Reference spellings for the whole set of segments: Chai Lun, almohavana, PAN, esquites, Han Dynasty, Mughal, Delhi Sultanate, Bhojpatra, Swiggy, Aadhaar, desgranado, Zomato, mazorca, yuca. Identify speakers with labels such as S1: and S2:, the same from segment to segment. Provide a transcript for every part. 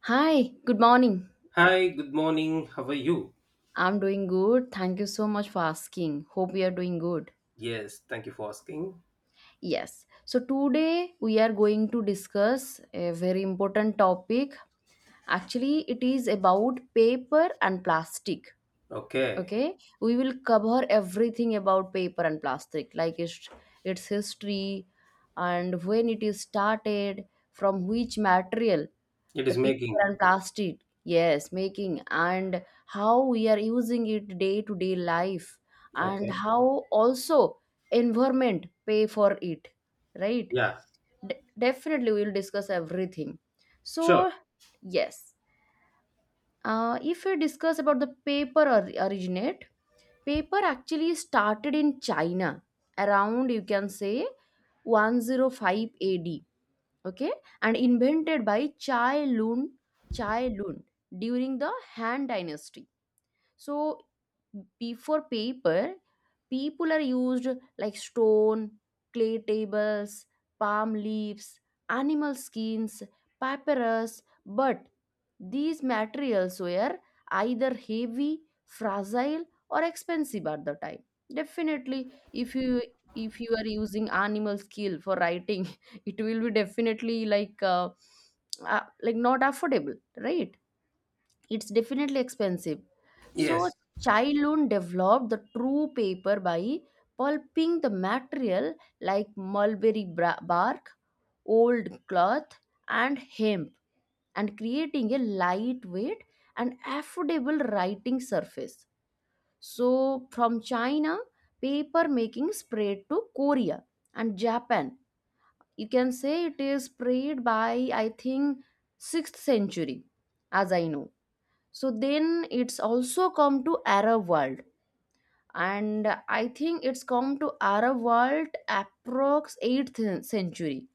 S1: Hi, good morning.
S2: Hi, good morning. How are you?
S1: I'm doing good. Thank you so much for asking. Hope you are doing good.
S2: Yes, thank you for asking.
S1: Yes. So today we are going to discuss a very important topic. Actually, it is about paper and plastic.
S2: Okay,
S1: Okay? We will cover everything about paper and plastic, like its history and when it is started, from which material
S2: it
S1: the
S2: is
S1: paper
S2: making.
S1: and plastic, yes, making, and how we are using it day to day life, and
S2: Okay,
S1: how also environment pay for it, right?
S2: yeah,
S1: De- Definitely we will discuss everything.
S2: sure.
S1: So yes, if we discuss about the originate, paper actually started in China around, you can say, 105 ad. Okay, and invented by chai lun Chai Lun during the Han dynasty. So before paper, people are used like stone, clay tables, palm leaves, animal skins, papyrus, but these materials were either heavy, fragile, or expensive at the time. Definitely, if you are using animal skill for writing, it will be definitely like not affordable, right? It's definitely expensive. So
S2: Yes,
S1: Chai Lun developed the true paper by pulping the material like bark, old cloth, and hemp, and creating a lightweight and affordable writing surface. So from China, paper making spread to Korea and Japan. You can say it is spread by, I think, 6th century, as I know. So then it's also come to Arab world, and I think it's come to Arab world approx 8th century,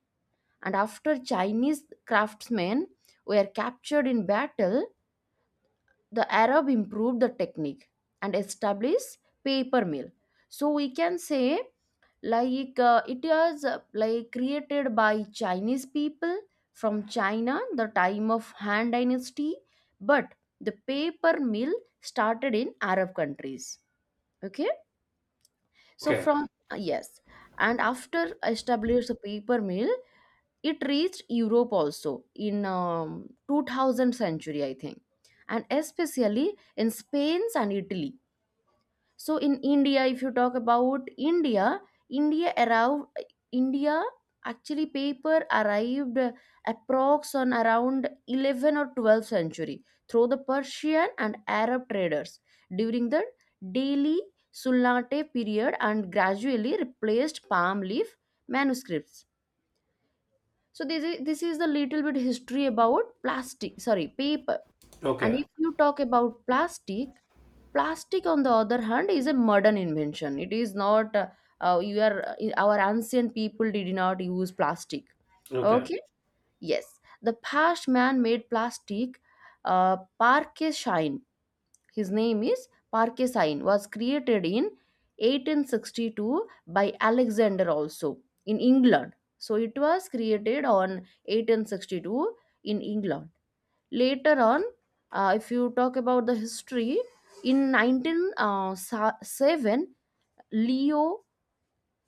S1: and after Chinese craftsmen were captured in battle, the Arab improved the technique and established paper mill. So we can say like it was like created by Chinese people from China the time of Han dynasty, but the paper mill started in Arab countries. Okay, so
S2: okay,
S1: from yes, and after established the paper mill, it reached Europe also in 2000 century I think, and especially in Spain and Italy. So in India, if you talk about india india, arrived, india actually paper arrived approx on around 11 or 12th century through the Persian and Arab traders during the Delhi Sultanate period, and gradually replaced palm leaf manuscripts. So this is the little bit history about plastic sorry paper. And
S2: okay,
S1: if you talk about plastic, plastic on the other hand is a modern invention. It is not you are our ancient people did not use plastic.
S2: okay,
S1: Okay, yes, the past man made plastic, parquet shine, his name is parquet shine, was created in 1862 by Alexander also in England. So it was created on 1862 in England. Later on, if you talk about the history, in 1907, Leo,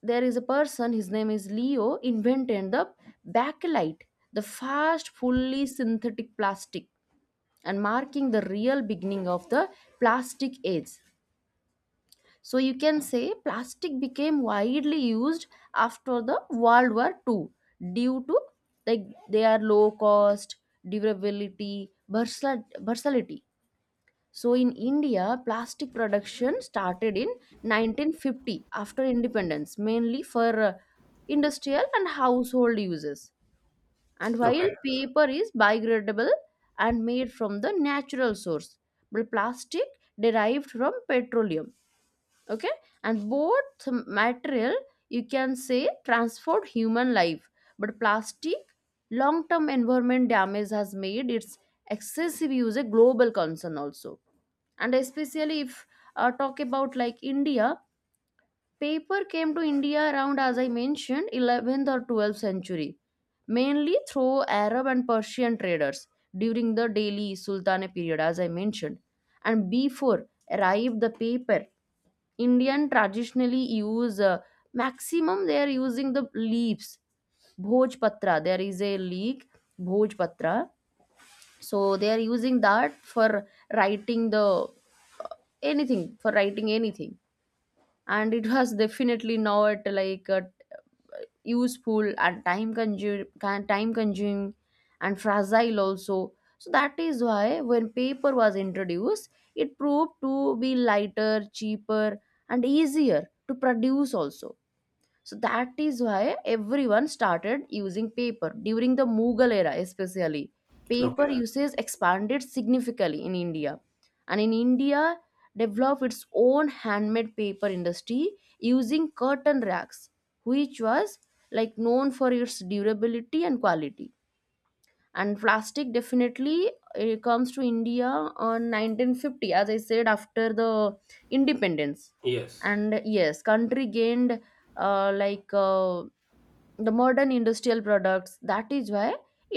S1: there is a person, his name is Leo invented the bakelite, the first fully synthetic plastic, and marking the real beginning of the plastic age. So you can say plastic became widely used after the World War Two, due to like their low cost, durability, versatility. So in India, plastic production started in 1950 after independence, mainly for industrial and household uses. And while
S2: okay,
S1: paper is biodegradable and made from the natural source, but plastic derived from petroleum. Okay, and both material, you can say, transform human life, but plastic long term environment damage has made its excessive use a global concern also. And especially if talk about like India, paper came to India around, as I mentioned, 11th or 12th century, mainly through Arab and Persian traders during the Delhi Sultanate period, as I mentioned. And before arrived the paper, Indian traditionally use maximum they are using the leaves, Bhojpatra. There is a leaf, Bhojpatra, so they are using that for writing the uh, anything for writing anything. And it was definitely not like useful and time consuming and fragile also. So that is why when paper was introduced, it proved to be lighter, cheaper, and easier to produce also. So that is why everyone started using paper during the Mughal era, especially paper
S2: okay,
S1: usage expanded significantly in India. And in India, developed its own handmade paper industry using curtain racks, which was like known for its durability and quality. And plastic definitely it comes to India on 1950, as I said, after the independence.
S2: yes,
S1: And yes, country gained uh, like uh, the modern industrial products. That is why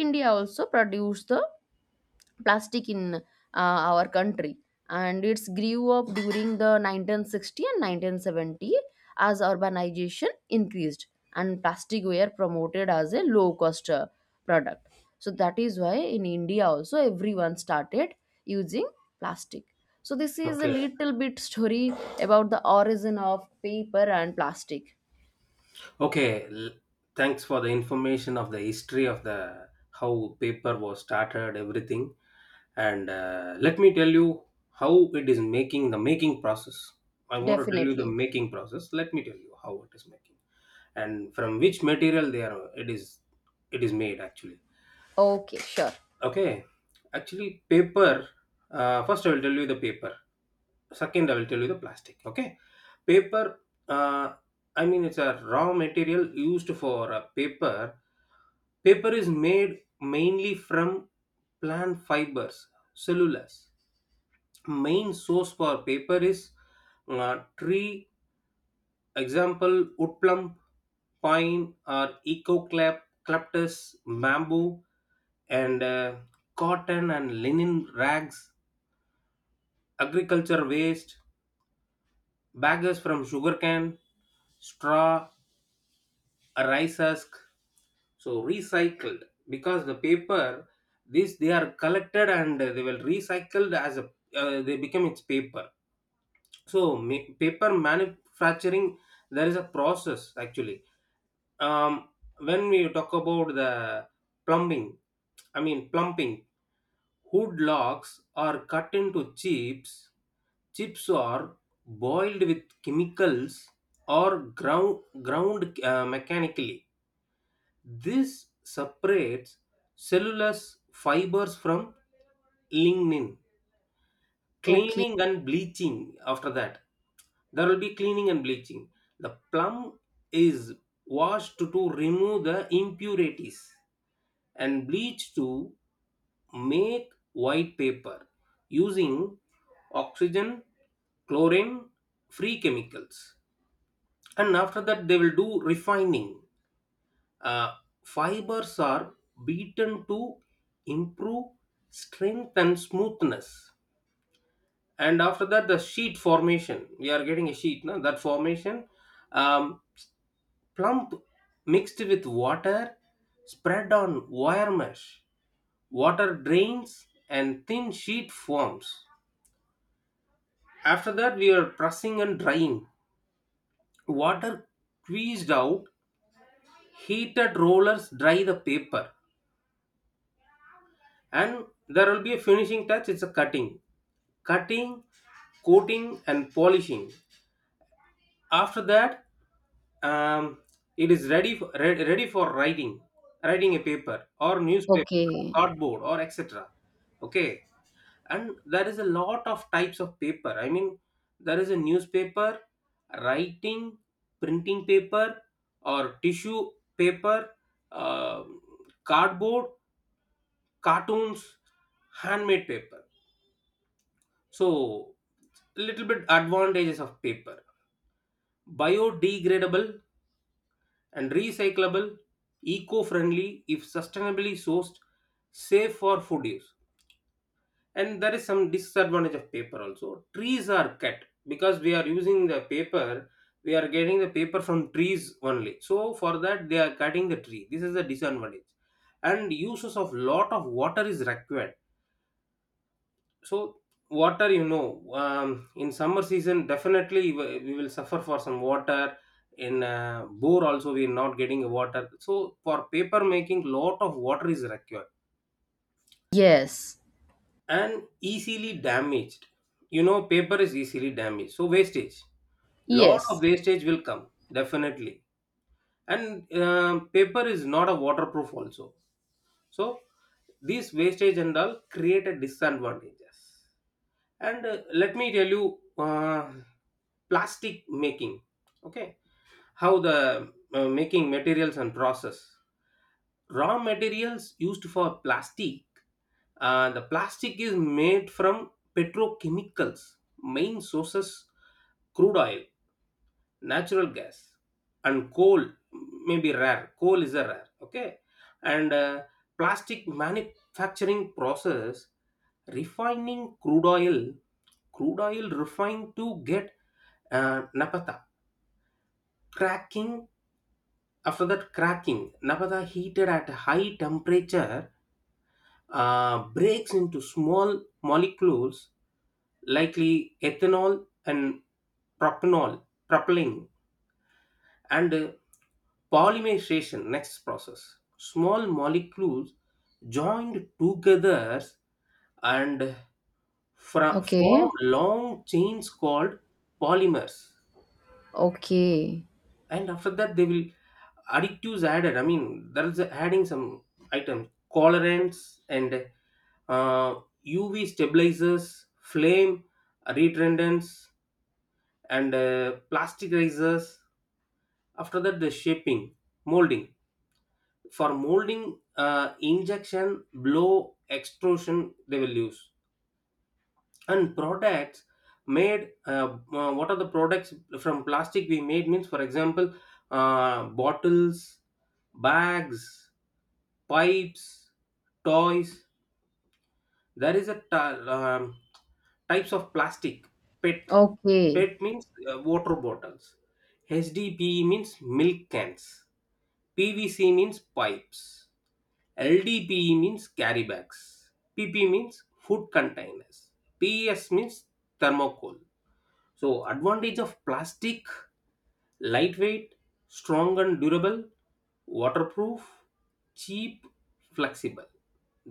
S1: India also produced the plastic in our country, and it's grew up during the 1960 and 1970 as urbanization increased, and plastic were promoted as a low cost product. So that is why in India also everyone started using plastic. So this is a
S2: okay,
S1: little bit story about the origin of paper and plastic.
S2: okay. Thanks for the information of the history of the how paper was started, everything. And let me tell you how it is making the making process. I want to tell you the
S1: Definitely.
S2: making process. Let me tell you how it is making. And from which material they are it is made actually.
S1: Okay, sure.
S2: Okay, actually paper, first I will tell you the paper, second I will tell you the plastic. Okay, paper. uh, I mean it's a raw material used for a paper. Paper is made mainly from plant fibers, cellulose. Main source for paper is tree. Example: wood plum, pine or eco clap, eucalyptus, bamboo, and cotton and linen rags, agriculture waste, baggers from sugarcane, straw, a rice husk. So recycled, because the paper, this they are collected and they will recycled, as a they become its paper. So paper manufacturing, there is a process actually. Um, when we talk about the plumbing, I mean plumping, hood logs are cut into chips. Chips are boiled with chemicals or ground mechanically. This separates cellulose fibers from lignin.
S1: Okay.
S2: Cleaning and bleaching: after that there will be cleaning and bleaching, the plum is washed to remove the impurities and bleached to make white paper using oxygen chlorine free chemicals. And after that they will do refining. Uh, fibers are beaten to improve strength and smoothness. And after that, the sheet formation, we are getting a sheet, no? That formation, um, plump mixed with water, spread on wire mesh, water drains and thin sheet forms. After that we are pressing and drying, water squeezed out, heated rollers dry the paper. And there will be a finishing touch, it's a cutting, cutting coating and polishing. After that, Um, it is ready for, ready for writing a paper or newspaper,
S1: Okay.
S2: cardboard or etc. Okay, and there is a lot of types of paper. I mean, there is a newspaper, writing, printing paper, or tissue paper, uh, cardboard, cartoons, handmade paper. So, little bit advantages of paper: biodegradable and recyclable, eco-friendly if sustainably sourced, safe for food use. And there is some disadvantage of paper also. Trees are cut, because we are using the paper, we are getting the paper from trees only. So for that they are cutting the tree. This is the disadvantage. And uses of lot of water is required, so water, in summer season, definitely we will suffer for some water. In bore also, we are not getting water. So for paper making, lot of water is required
S1: Yes.
S2: and easily damaged. You know, paper is easily damaged. So wastage, lot of
S1: Yes.
S2: wastage will come definitely. And paper is not a waterproof also. So these wastage and all create a disadvantages. And let me tell you plastic making. Okay, how the making materials and process. Raw materials used for plastic, the plastic is made from petrochemicals. Main sources: crude oil, natural gas, and coal. May be rare, coal is a rare. Okay. And plastic manufacturing process: refining crude oil, crude oil refined to get naphtha. Cracking: after that cracking, naphtha heated at high temperature, breaks into small molecules, likely ethanol and propanol, propylene. And polymerization, next process, small molecules joined together, and form
S1: Okay.
S2: long chains called polymers.
S1: Okay.
S2: And after that they will additives added, I mean there's adding some items: colorants and uh, UV stabilizers, flame retardants, and plasticizers. After that, the shaping, molding. For molding, injection, blow, extrusion, they will use. And products made, what are the products from plastic we made means, for example, bottles, bags, pipes, toys. There is a types of plastic. PET,
S1: Okay.
S2: PET means water bottles. HDPE means milk cans. PVC means pipes. LDPE means carry bags. PP means food containers. PES means thermocol. So, advantage of plastic: lightweight, strong and durable, waterproof, cheap, flexible.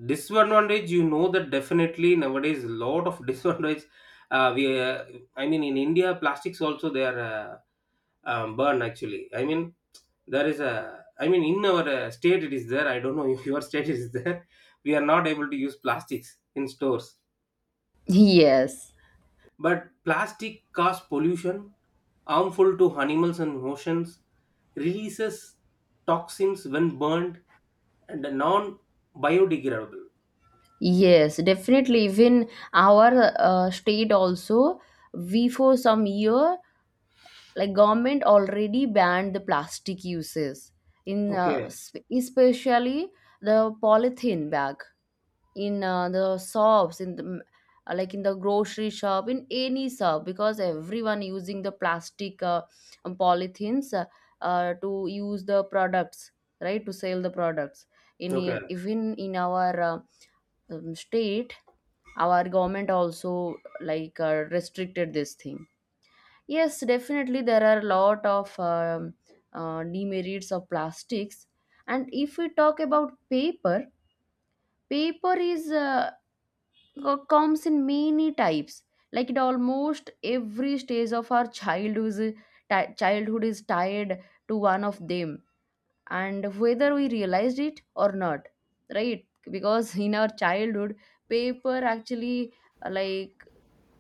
S2: Disadvantage, you know that definitely nowadays a lot of disadvantage. Uh, we, uh, I mean, in India, plastics also they are burned actually. I mean, in our state it is there. I don't know if your state is there. We are not able to use plastics in stores,
S1: Yes.
S2: but plastic causes pollution, harmful to animals and oceans, releases toxins when burned, and non biodegradable.
S1: Yes, definitely. Even our state also, we for some year, like government already banned the plastic uses in
S2: Okay,
S1: especially the polythene bag, in the shops in the like in the grocery shop, in any shop, because everyone using the plastic polythenes to use the products, right, to sell the products
S2: okay,
S1: in even in our state. Our government also like restricted this thing. Yes, definitely there are a lot of demerits of plastics. And if we talk about paper, paper is comes in many types. Like it, almost every stage of our childhood is tied to one of them, and whether we realized it or not, right, because in our childhood paper actually uh, like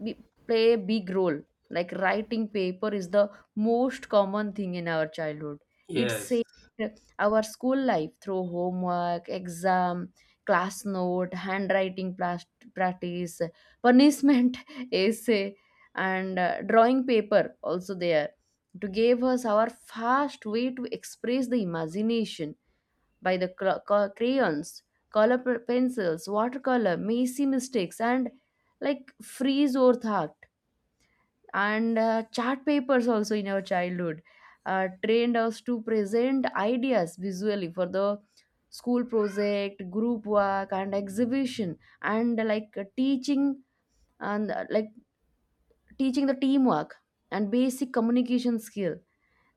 S1: be, play a big role. Like writing paper is the most common thing in our childhood. It
S2: yes,
S1: saved our school life through homework, exam, class note, practice, punishment, essay, and drawing paper also there to give us our fast way to express the imagination by the crayons, pencils, watercolor, messy mistakes, and like freeze or thoughts. And chart papers also in our childhood trained us to present ideas visually for the school project, group work, and exhibition, and teaching, and teaching the teamwork and basic communication skill.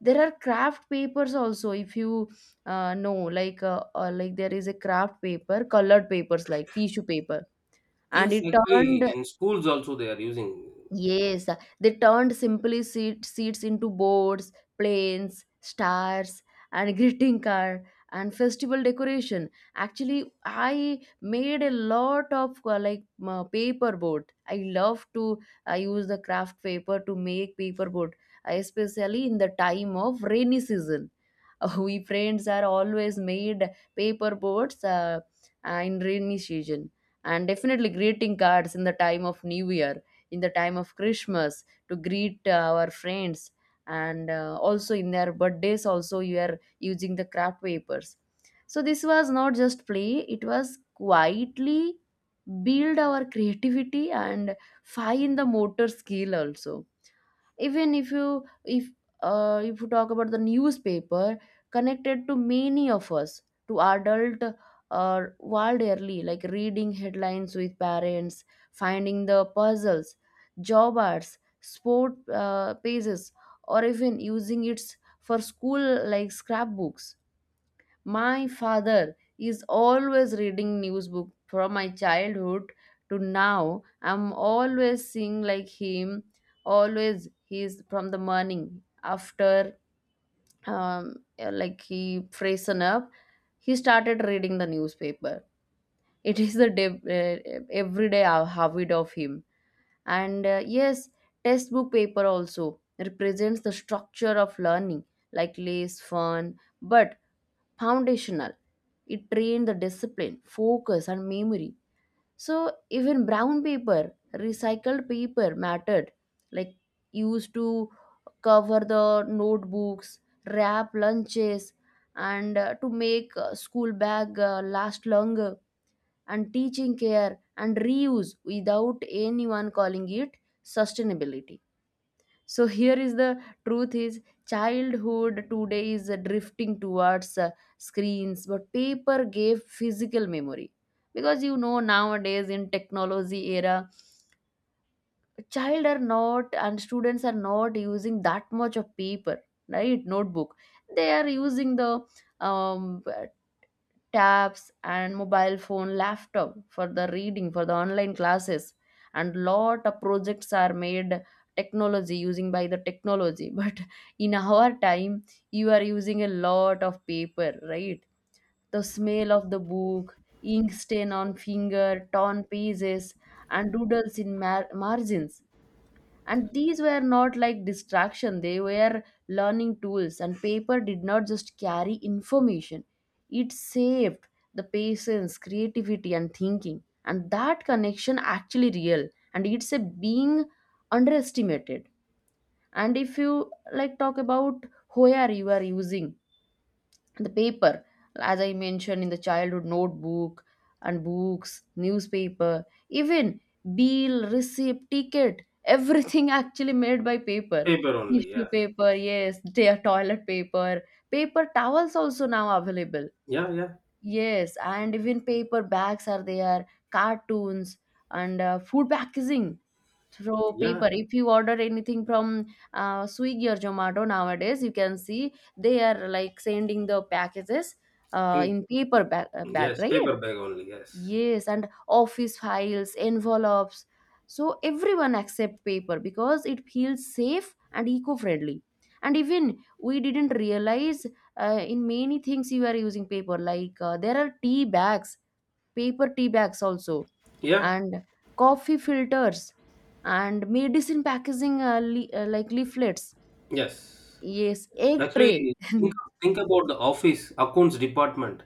S1: There are craft papers also, if you know like there is a craft paper, colored papers like tissue paper. And
S2: yes,
S1: it turned.
S2: actually, in schools also they are using
S1: Yes, they turned simply seats into boards, planes, stars, and greeting card and festival decoration. Actually, I made a lot of paper boat. I love to use the craft paper to make paper boat, especially in the time of rainy season. We friends are always made paper boats in rainy season, and definitely greeting cards in the time of New Year, in the time of Christmas, to greet our friends, and also in their birthdays also you are using the craft papers. So this was not just play, it was quietly build our creativity and fine the motor skill also. Even if you talk about the newspaper, connected to many of us to adult world early, like reading headlines with parents, finding the puzzles, job ads, sport pages, or even using it for school like scrapbooks. My father is always reading news book from my childhood to now. I'm always seeing like him. Always he's from the morning after like he freshen up, he started reading the newspaper. It is the everyday habit of him. And yes, textbook paper also represents the structure of learning, like less fun but foundational. It trained the discipline, focus, and memory. So even brown paper, recycled paper mattered, like used to cover the notebooks, wrap lunches, and to make school bag last longer, and teaching care and reuse without anyone calling it sustainability. So here is the truth is, childhood today is drifting towards screens, but paper gave physical memory. Because you know nowadays in technology era, child are not, and students are not using that much of paper, right, notebook. They are using the um, tabs and mobile phone, laptop, for the reading, for the online classes, and lot of projects are made technology using by the technology. But in our time you are using a lot of paper, right? The smell of the book, ink stain on finger, torn pages, and doodles in margins, and these were not like distraction, they were learning tools. And paper did not just carry information, it saved the patience, creativity, and thinking, and that connection actually real, and it's a being underestimated. And if you like talk about where you are using the paper, as I mentioned, in the childhood, notebook and books, newspaper, even bill, receipt, ticket, everything actually made by paper.
S2: paper only,
S1: Tissue
S2: yeah,
S1: paper, yes, their toilet paper, paper towels also now available.
S2: yeah, yeah,
S1: Yes, and even paper bags are there, cartoons, and food packaging through
S2: yeah.
S1: paper. If you order anything from Swiggy or Zomato nowadays, you can see they are like sending the packages uh,
S2: In-
S1: in paper bag, uh, bag,
S2: yes,
S1: right?
S2: paper bag only, yes,
S1: Yes, and office files, envelopes. So everyone accept paper because it feels safe and eco-friendly. And even we didn't realize in many things you are using paper. Like there are tea bags, paper tea bags also,
S2: yeah,
S1: and coffee filters, and medicine packaging like leaflets.
S2: yes.
S1: Yes, egg
S2: Actually,
S1: tray.
S2: think, think about the office accounts department,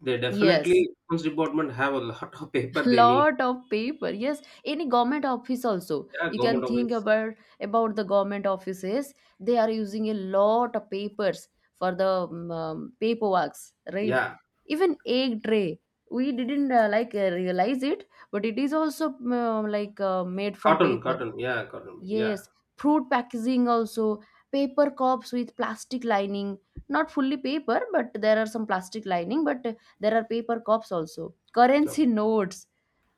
S2: they
S1: yes,
S2: definitely accounts department have a lot of paper they need.
S1: lot of paper. Yes, any government office also
S2: Yeah,
S1: you
S2: government
S1: can think
S2: always.
S1: about the government offices they are using a lot of papers for the paperworks, right?
S2: Yeah,
S1: Even egg tray we didn't realize it, but it is also made from
S2: cotton,
S1: paper.
S2: cotton. Yeah, cotton. Yeah.
S1: Yes, fruit packaging also, paper cups with plastic lining. Not fully paper, but there are some plastic lining, but there are paper cups also,
S2: O-
S1: currency notes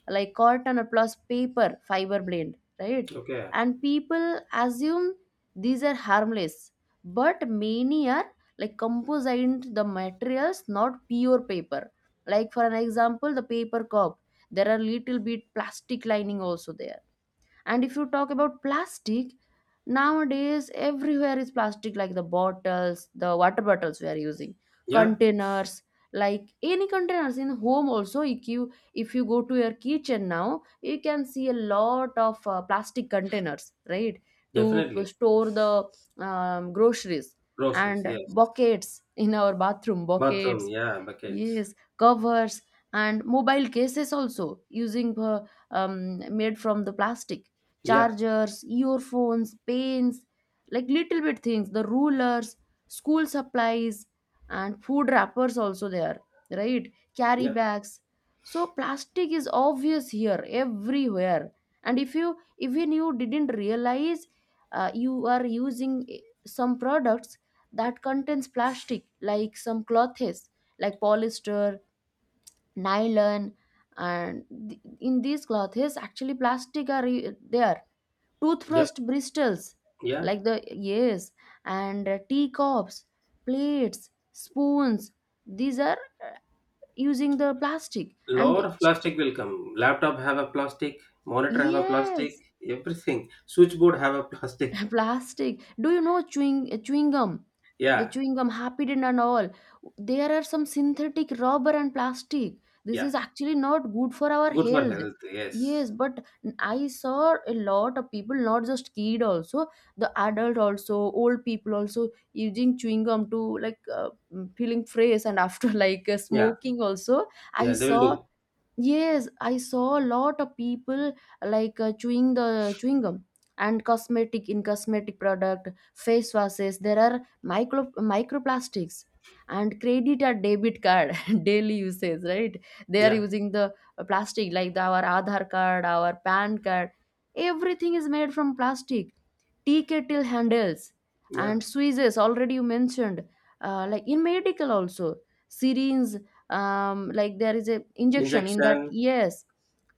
S1: like cotton or plus paper fiber blend, right?
S2: Okay.
S1: And people assume these are harmless, but many are like composite the materials, not pure paper. Like for an example, the paper cup, there are little bit plastic lining also there. And if you talk about plastic, nowadays everywhere is plastic, like the bottles, the water bottles we are using,
S2: Yeah,
S1: containers, like any containers in home also. If you if you go to your kitchen now, you can see a lot of plastic containers, right? To
S2: definitely.
S1: store the groceries,
S2: Groceries.
S1: and
S2: Yes.
S1: buckets, in our bathroom
S2: Bathroom.
S1: buckets.
S2: Yeah, buckets.
S1: Yes, covers and mobile cases also using made from the plastic.
S2: Yeah.
S1: Chargers, earphones, pens, like little bit things. The rulers, school supplies, and food wrappers also there, right? Carry
S2: Yeah.
S1: bags. So plastic is obvious here everywhere. And if you even you didn't realize you are using some products that contains plastic, like some clothes, like polyester, nylon, and in these clothes actually plastic are there.
S2: Yep.
S1: Toothbrush bristles,
S2: Yeah.
S1: like, the yes, and tea cups, plates, spoons. These are uh, using the plastic, and
S2: Lot of plastic will come. Laptop have a plastic. Monitor have a plastic.
S1: yes.
S2: Everything. Switchboard have a plastic.
S1: plastic, do you know chewing chewing gum, the
S2: Yeah.
S1: chewing gum happidin and all, there are some synthetic rubber and plastic. This
S2: Yeah.
S1: is actually not good for our
S2: Good for
S1: health.
S2: health.
S1: Yes,
S2: Yes.
S1: but I saw a lot of people, not just kid, also the adult also, old people also using chewing gum to feeling fresh, and after
S2: Yeah.
S1: smoking also I
S2: Yeah. They will
S1: saw.
S2: do.
S1: Yes, I saw a lot of people chewing the chewing gum. And cosmetic, in cosmetic product, face washes, there are microplastics, and credit or debit card daily usage, right? They are
S2: Yeah.
S1: using the plastic like the, our Aadhaar card, our PAN card. Everything is made from plastic, tea kettle handles
S2: Yeah.
S1: and squeezes, already you mentioned. Like in medical also, syringes, like there is a injection in that,
S2: Injection.
S1: yes.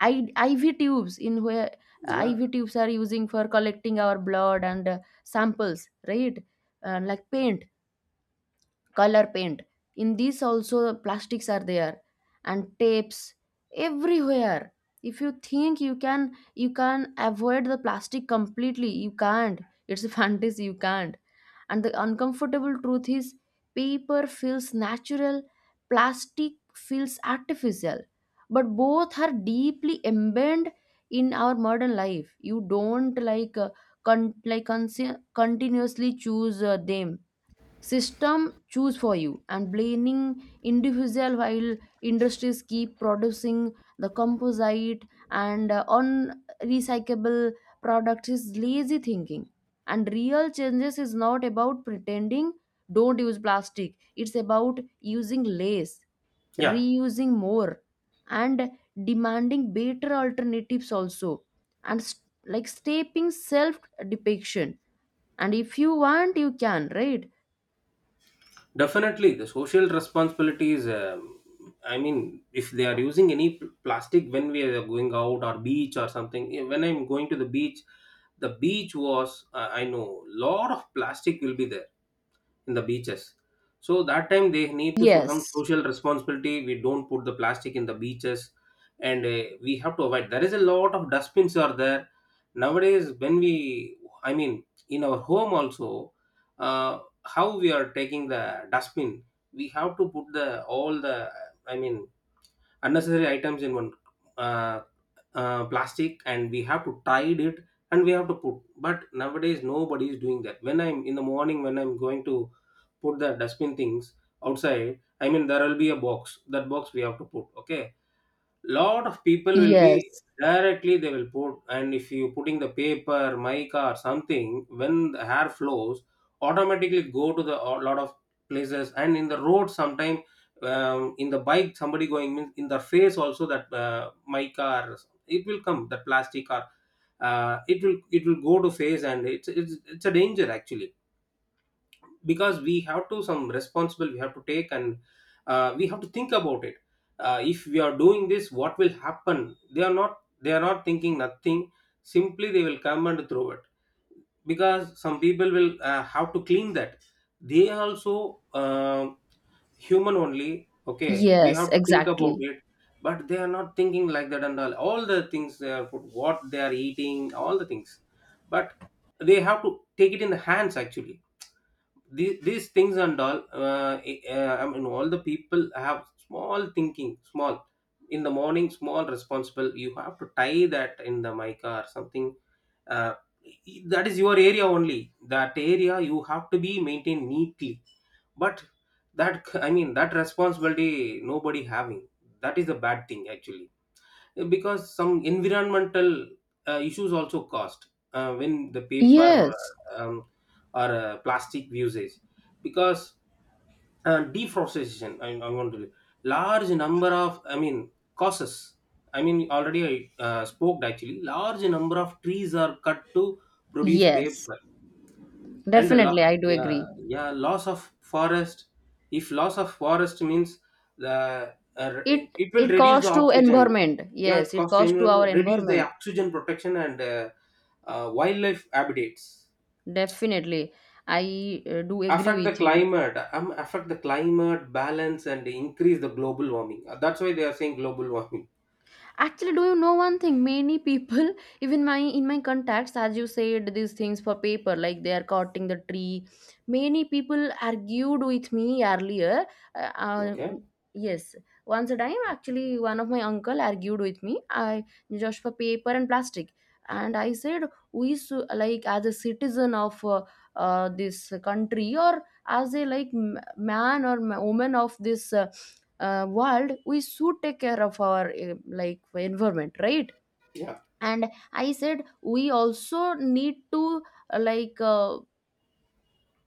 S1: I, IV tubes in where
S2: Yeah.
S1: IV tubes are using for collecting our blood and samples, right? Like paint, color paint, in these also plastics are there, and tapes, everywhere. If you think you can, you can avoid the plastic completely, you can't. It's a fantasy, you can't. And the uncomfortable truth is paper feels natural, plastic feels artificial, but both are deeply embedded in our modern life. You don't continuously choose them, system choose for you. And blaming individual while industries keep producing the composite and unrecyclable products is lazy thinking. And real changes is not about pretending don't use plastic, it's about using less,
S2: Yeah.
S1: reusing more, and demanding better alternatives also, and stepping self depiction, and if you want you can, right?
S2: Definitely, the social responsibility is. I mean, if they are using any plastic when we are going out or beach or something, when I'm going to the beach was I know lot of plastic will be there in the beaches. So that time they need to so some
S1: Yes,
S2: social responsibility. We don't put the plastic in the beaches, and we have to avoid. There is a lot of dustbins are there nowadays. When I mean, in our home also, how we are taking the dustbin, we have to put the all the, I mean, unnecessary items in one uh, plastic and we have to tide it and we have to put. But nowadays nobody is doing that, when I'm in the morning, when I'm going to put the dustbin things outside, I mean there will be a box, that box we have to put, okay. Lot of people will be
S1: yes,
S2: directly they will put, and if you putting the paper mica or something, when the hair flows automatically go to the a lot of places. And in the road sometime, in the bike somebody going means in the face also, that mica or it will come the plastic, or it will go to face, and it's a danger actually. Because we have to some responsible we have to take. And we have to think about it. If we are doing this, what will happen? They are not thinking nothing, simply they will come and throw it. Because some people will have to clean that, they are also human only, okay, we
S1: yes,
S2: have to think about
S1: exactly.
S2: it. But they are not thinking like that, and all the things they are put, what they are eating, all the things. But they have to take it in the hands actually, these things and all, I mean, all the people have small thinking, small in the morning, small responsible you have to tie that in the mica or something. Uh, e, that is your area only, that area you have to be maintained neatly. But that, I mean, that responsibility nobody having. That is the bad thing actually, because some environmental issues also caused when the paper
S1: Yes,
S2: uh, um, or plastic usage. Because deforestation, I want to large number of, I mean, causes, I mean already I spoke actually, large number of trees are cut to produce
S1: yes,
S2: paper. And a
S1: definitely, I do
S2: yeah,
S1: agree.
S2: yeah, loss of forest. If loss of forest means, the it,
S1: It
S2: it will
S1: it
S2: reduce the
S1: costs to
S2: oxygen.
S1: environment.
S2: Yeah, it
S1: Yes, it
S2: costs the
S1: costs to our
S2: environment, reduce the
S1: environment.
S2: oxygen protection and wildlife habitats,
S1: Definitely, I do
S2: affect
S1: agree
S2: the
S1: with you.
S2: climate, affect the climate balance and increase the global warming. That's why they are saying global warming.
S1: Actually, do you know one thing? Many people, even my in my contacts, as you said, these things for paper, like they are cutting the tree. Many people argued with me earlier. Uh, uh,
S2: Okay,
S1: yes, once a time, actually, one of my uncle argued with me. I just for paper and plastic, and I said, we like as a citizen of this country, or as a like man or woman of this. World, we should take care of our like environment, right?
S2: yeah,
S1: And I said we also need to uh, like uh,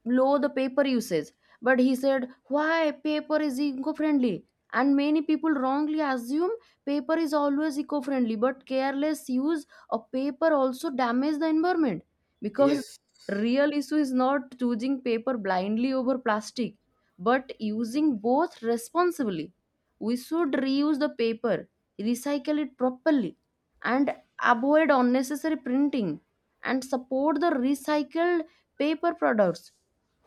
S1: low the paper usage. But he said why paper is eco-friendly, and many people wrongly assume paper is always eco-friendly, but careless use of paper also damage the environment. Because
S2: yes,
S1: real issue is not choosing paper blindly over plastic, but using both responsibly. We should reuse the paper, recycle it properly, and avoid unnecessary printing, and support the recycled paper products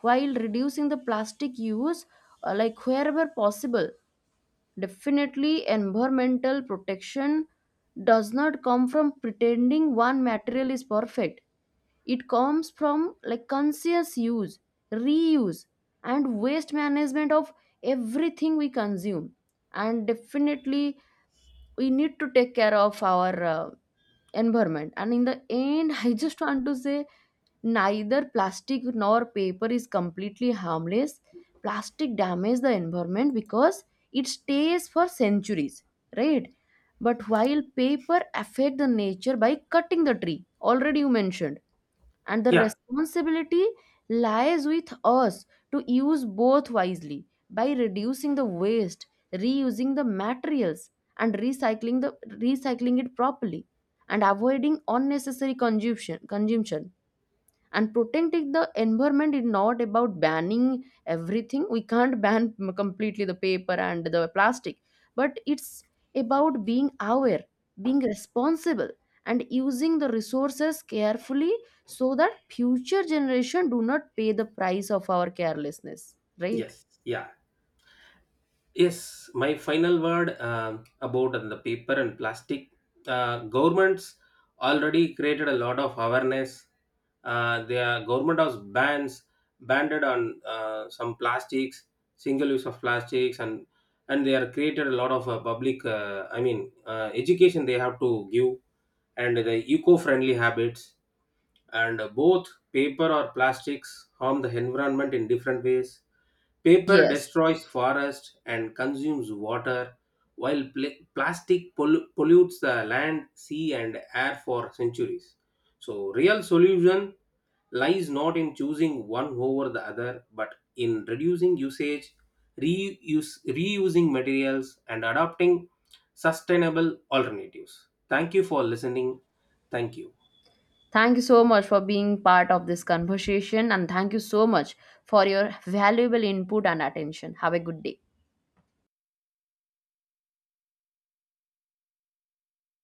S1: while reducing the plastic use like wherever possible. Definitely environmental protection does not come from pretending one material is perfect, it comes from like conscious use, reuse, and waste management of everything we consume. And definitely we need to take care of our environment. And in the end, I just want to say, neither plastic nor paper is completely harmless. Plastic damages the environment because it stays for centuries, right? But while paper affect the nature by cutting the tree, already you mentioned. And the
S2: yeah,
S1: responsibility lies with us to use both wisely by reducing the waste, reusing the materials, and recycling it properly, and avoiding unnecessary consumption, and protecting the environment is not about banning everything, we can't ban completely the paper and the plastic, but it's about being aware, being responsible, and using the resources carefully, so that future generation do not pay the price of our carelessness, right?
S2: yes, yeah. Yes, my final word about the paper and plastic. Governments already created a lot of awareness. Their government has bans banned on some plastics, single use of plastics, and they are created a lot of public. I mean, education they have to give, and the eco-friendly habits, and both paper or plastics harm the environment in different ways. Paper
S1: Yes,
S2: destroys forests and consumes water, while plastic pollutes the land, sea, and air for centuries. So, real solution lies not in choosing one over the other, but in reducing usage, reusing materials, and adopting sustainable alternatives. Thank you for listening. Thank you.
S1: thank you so much for being part of this conversation, and thank you so much for your valuable input and attention. Have a good day.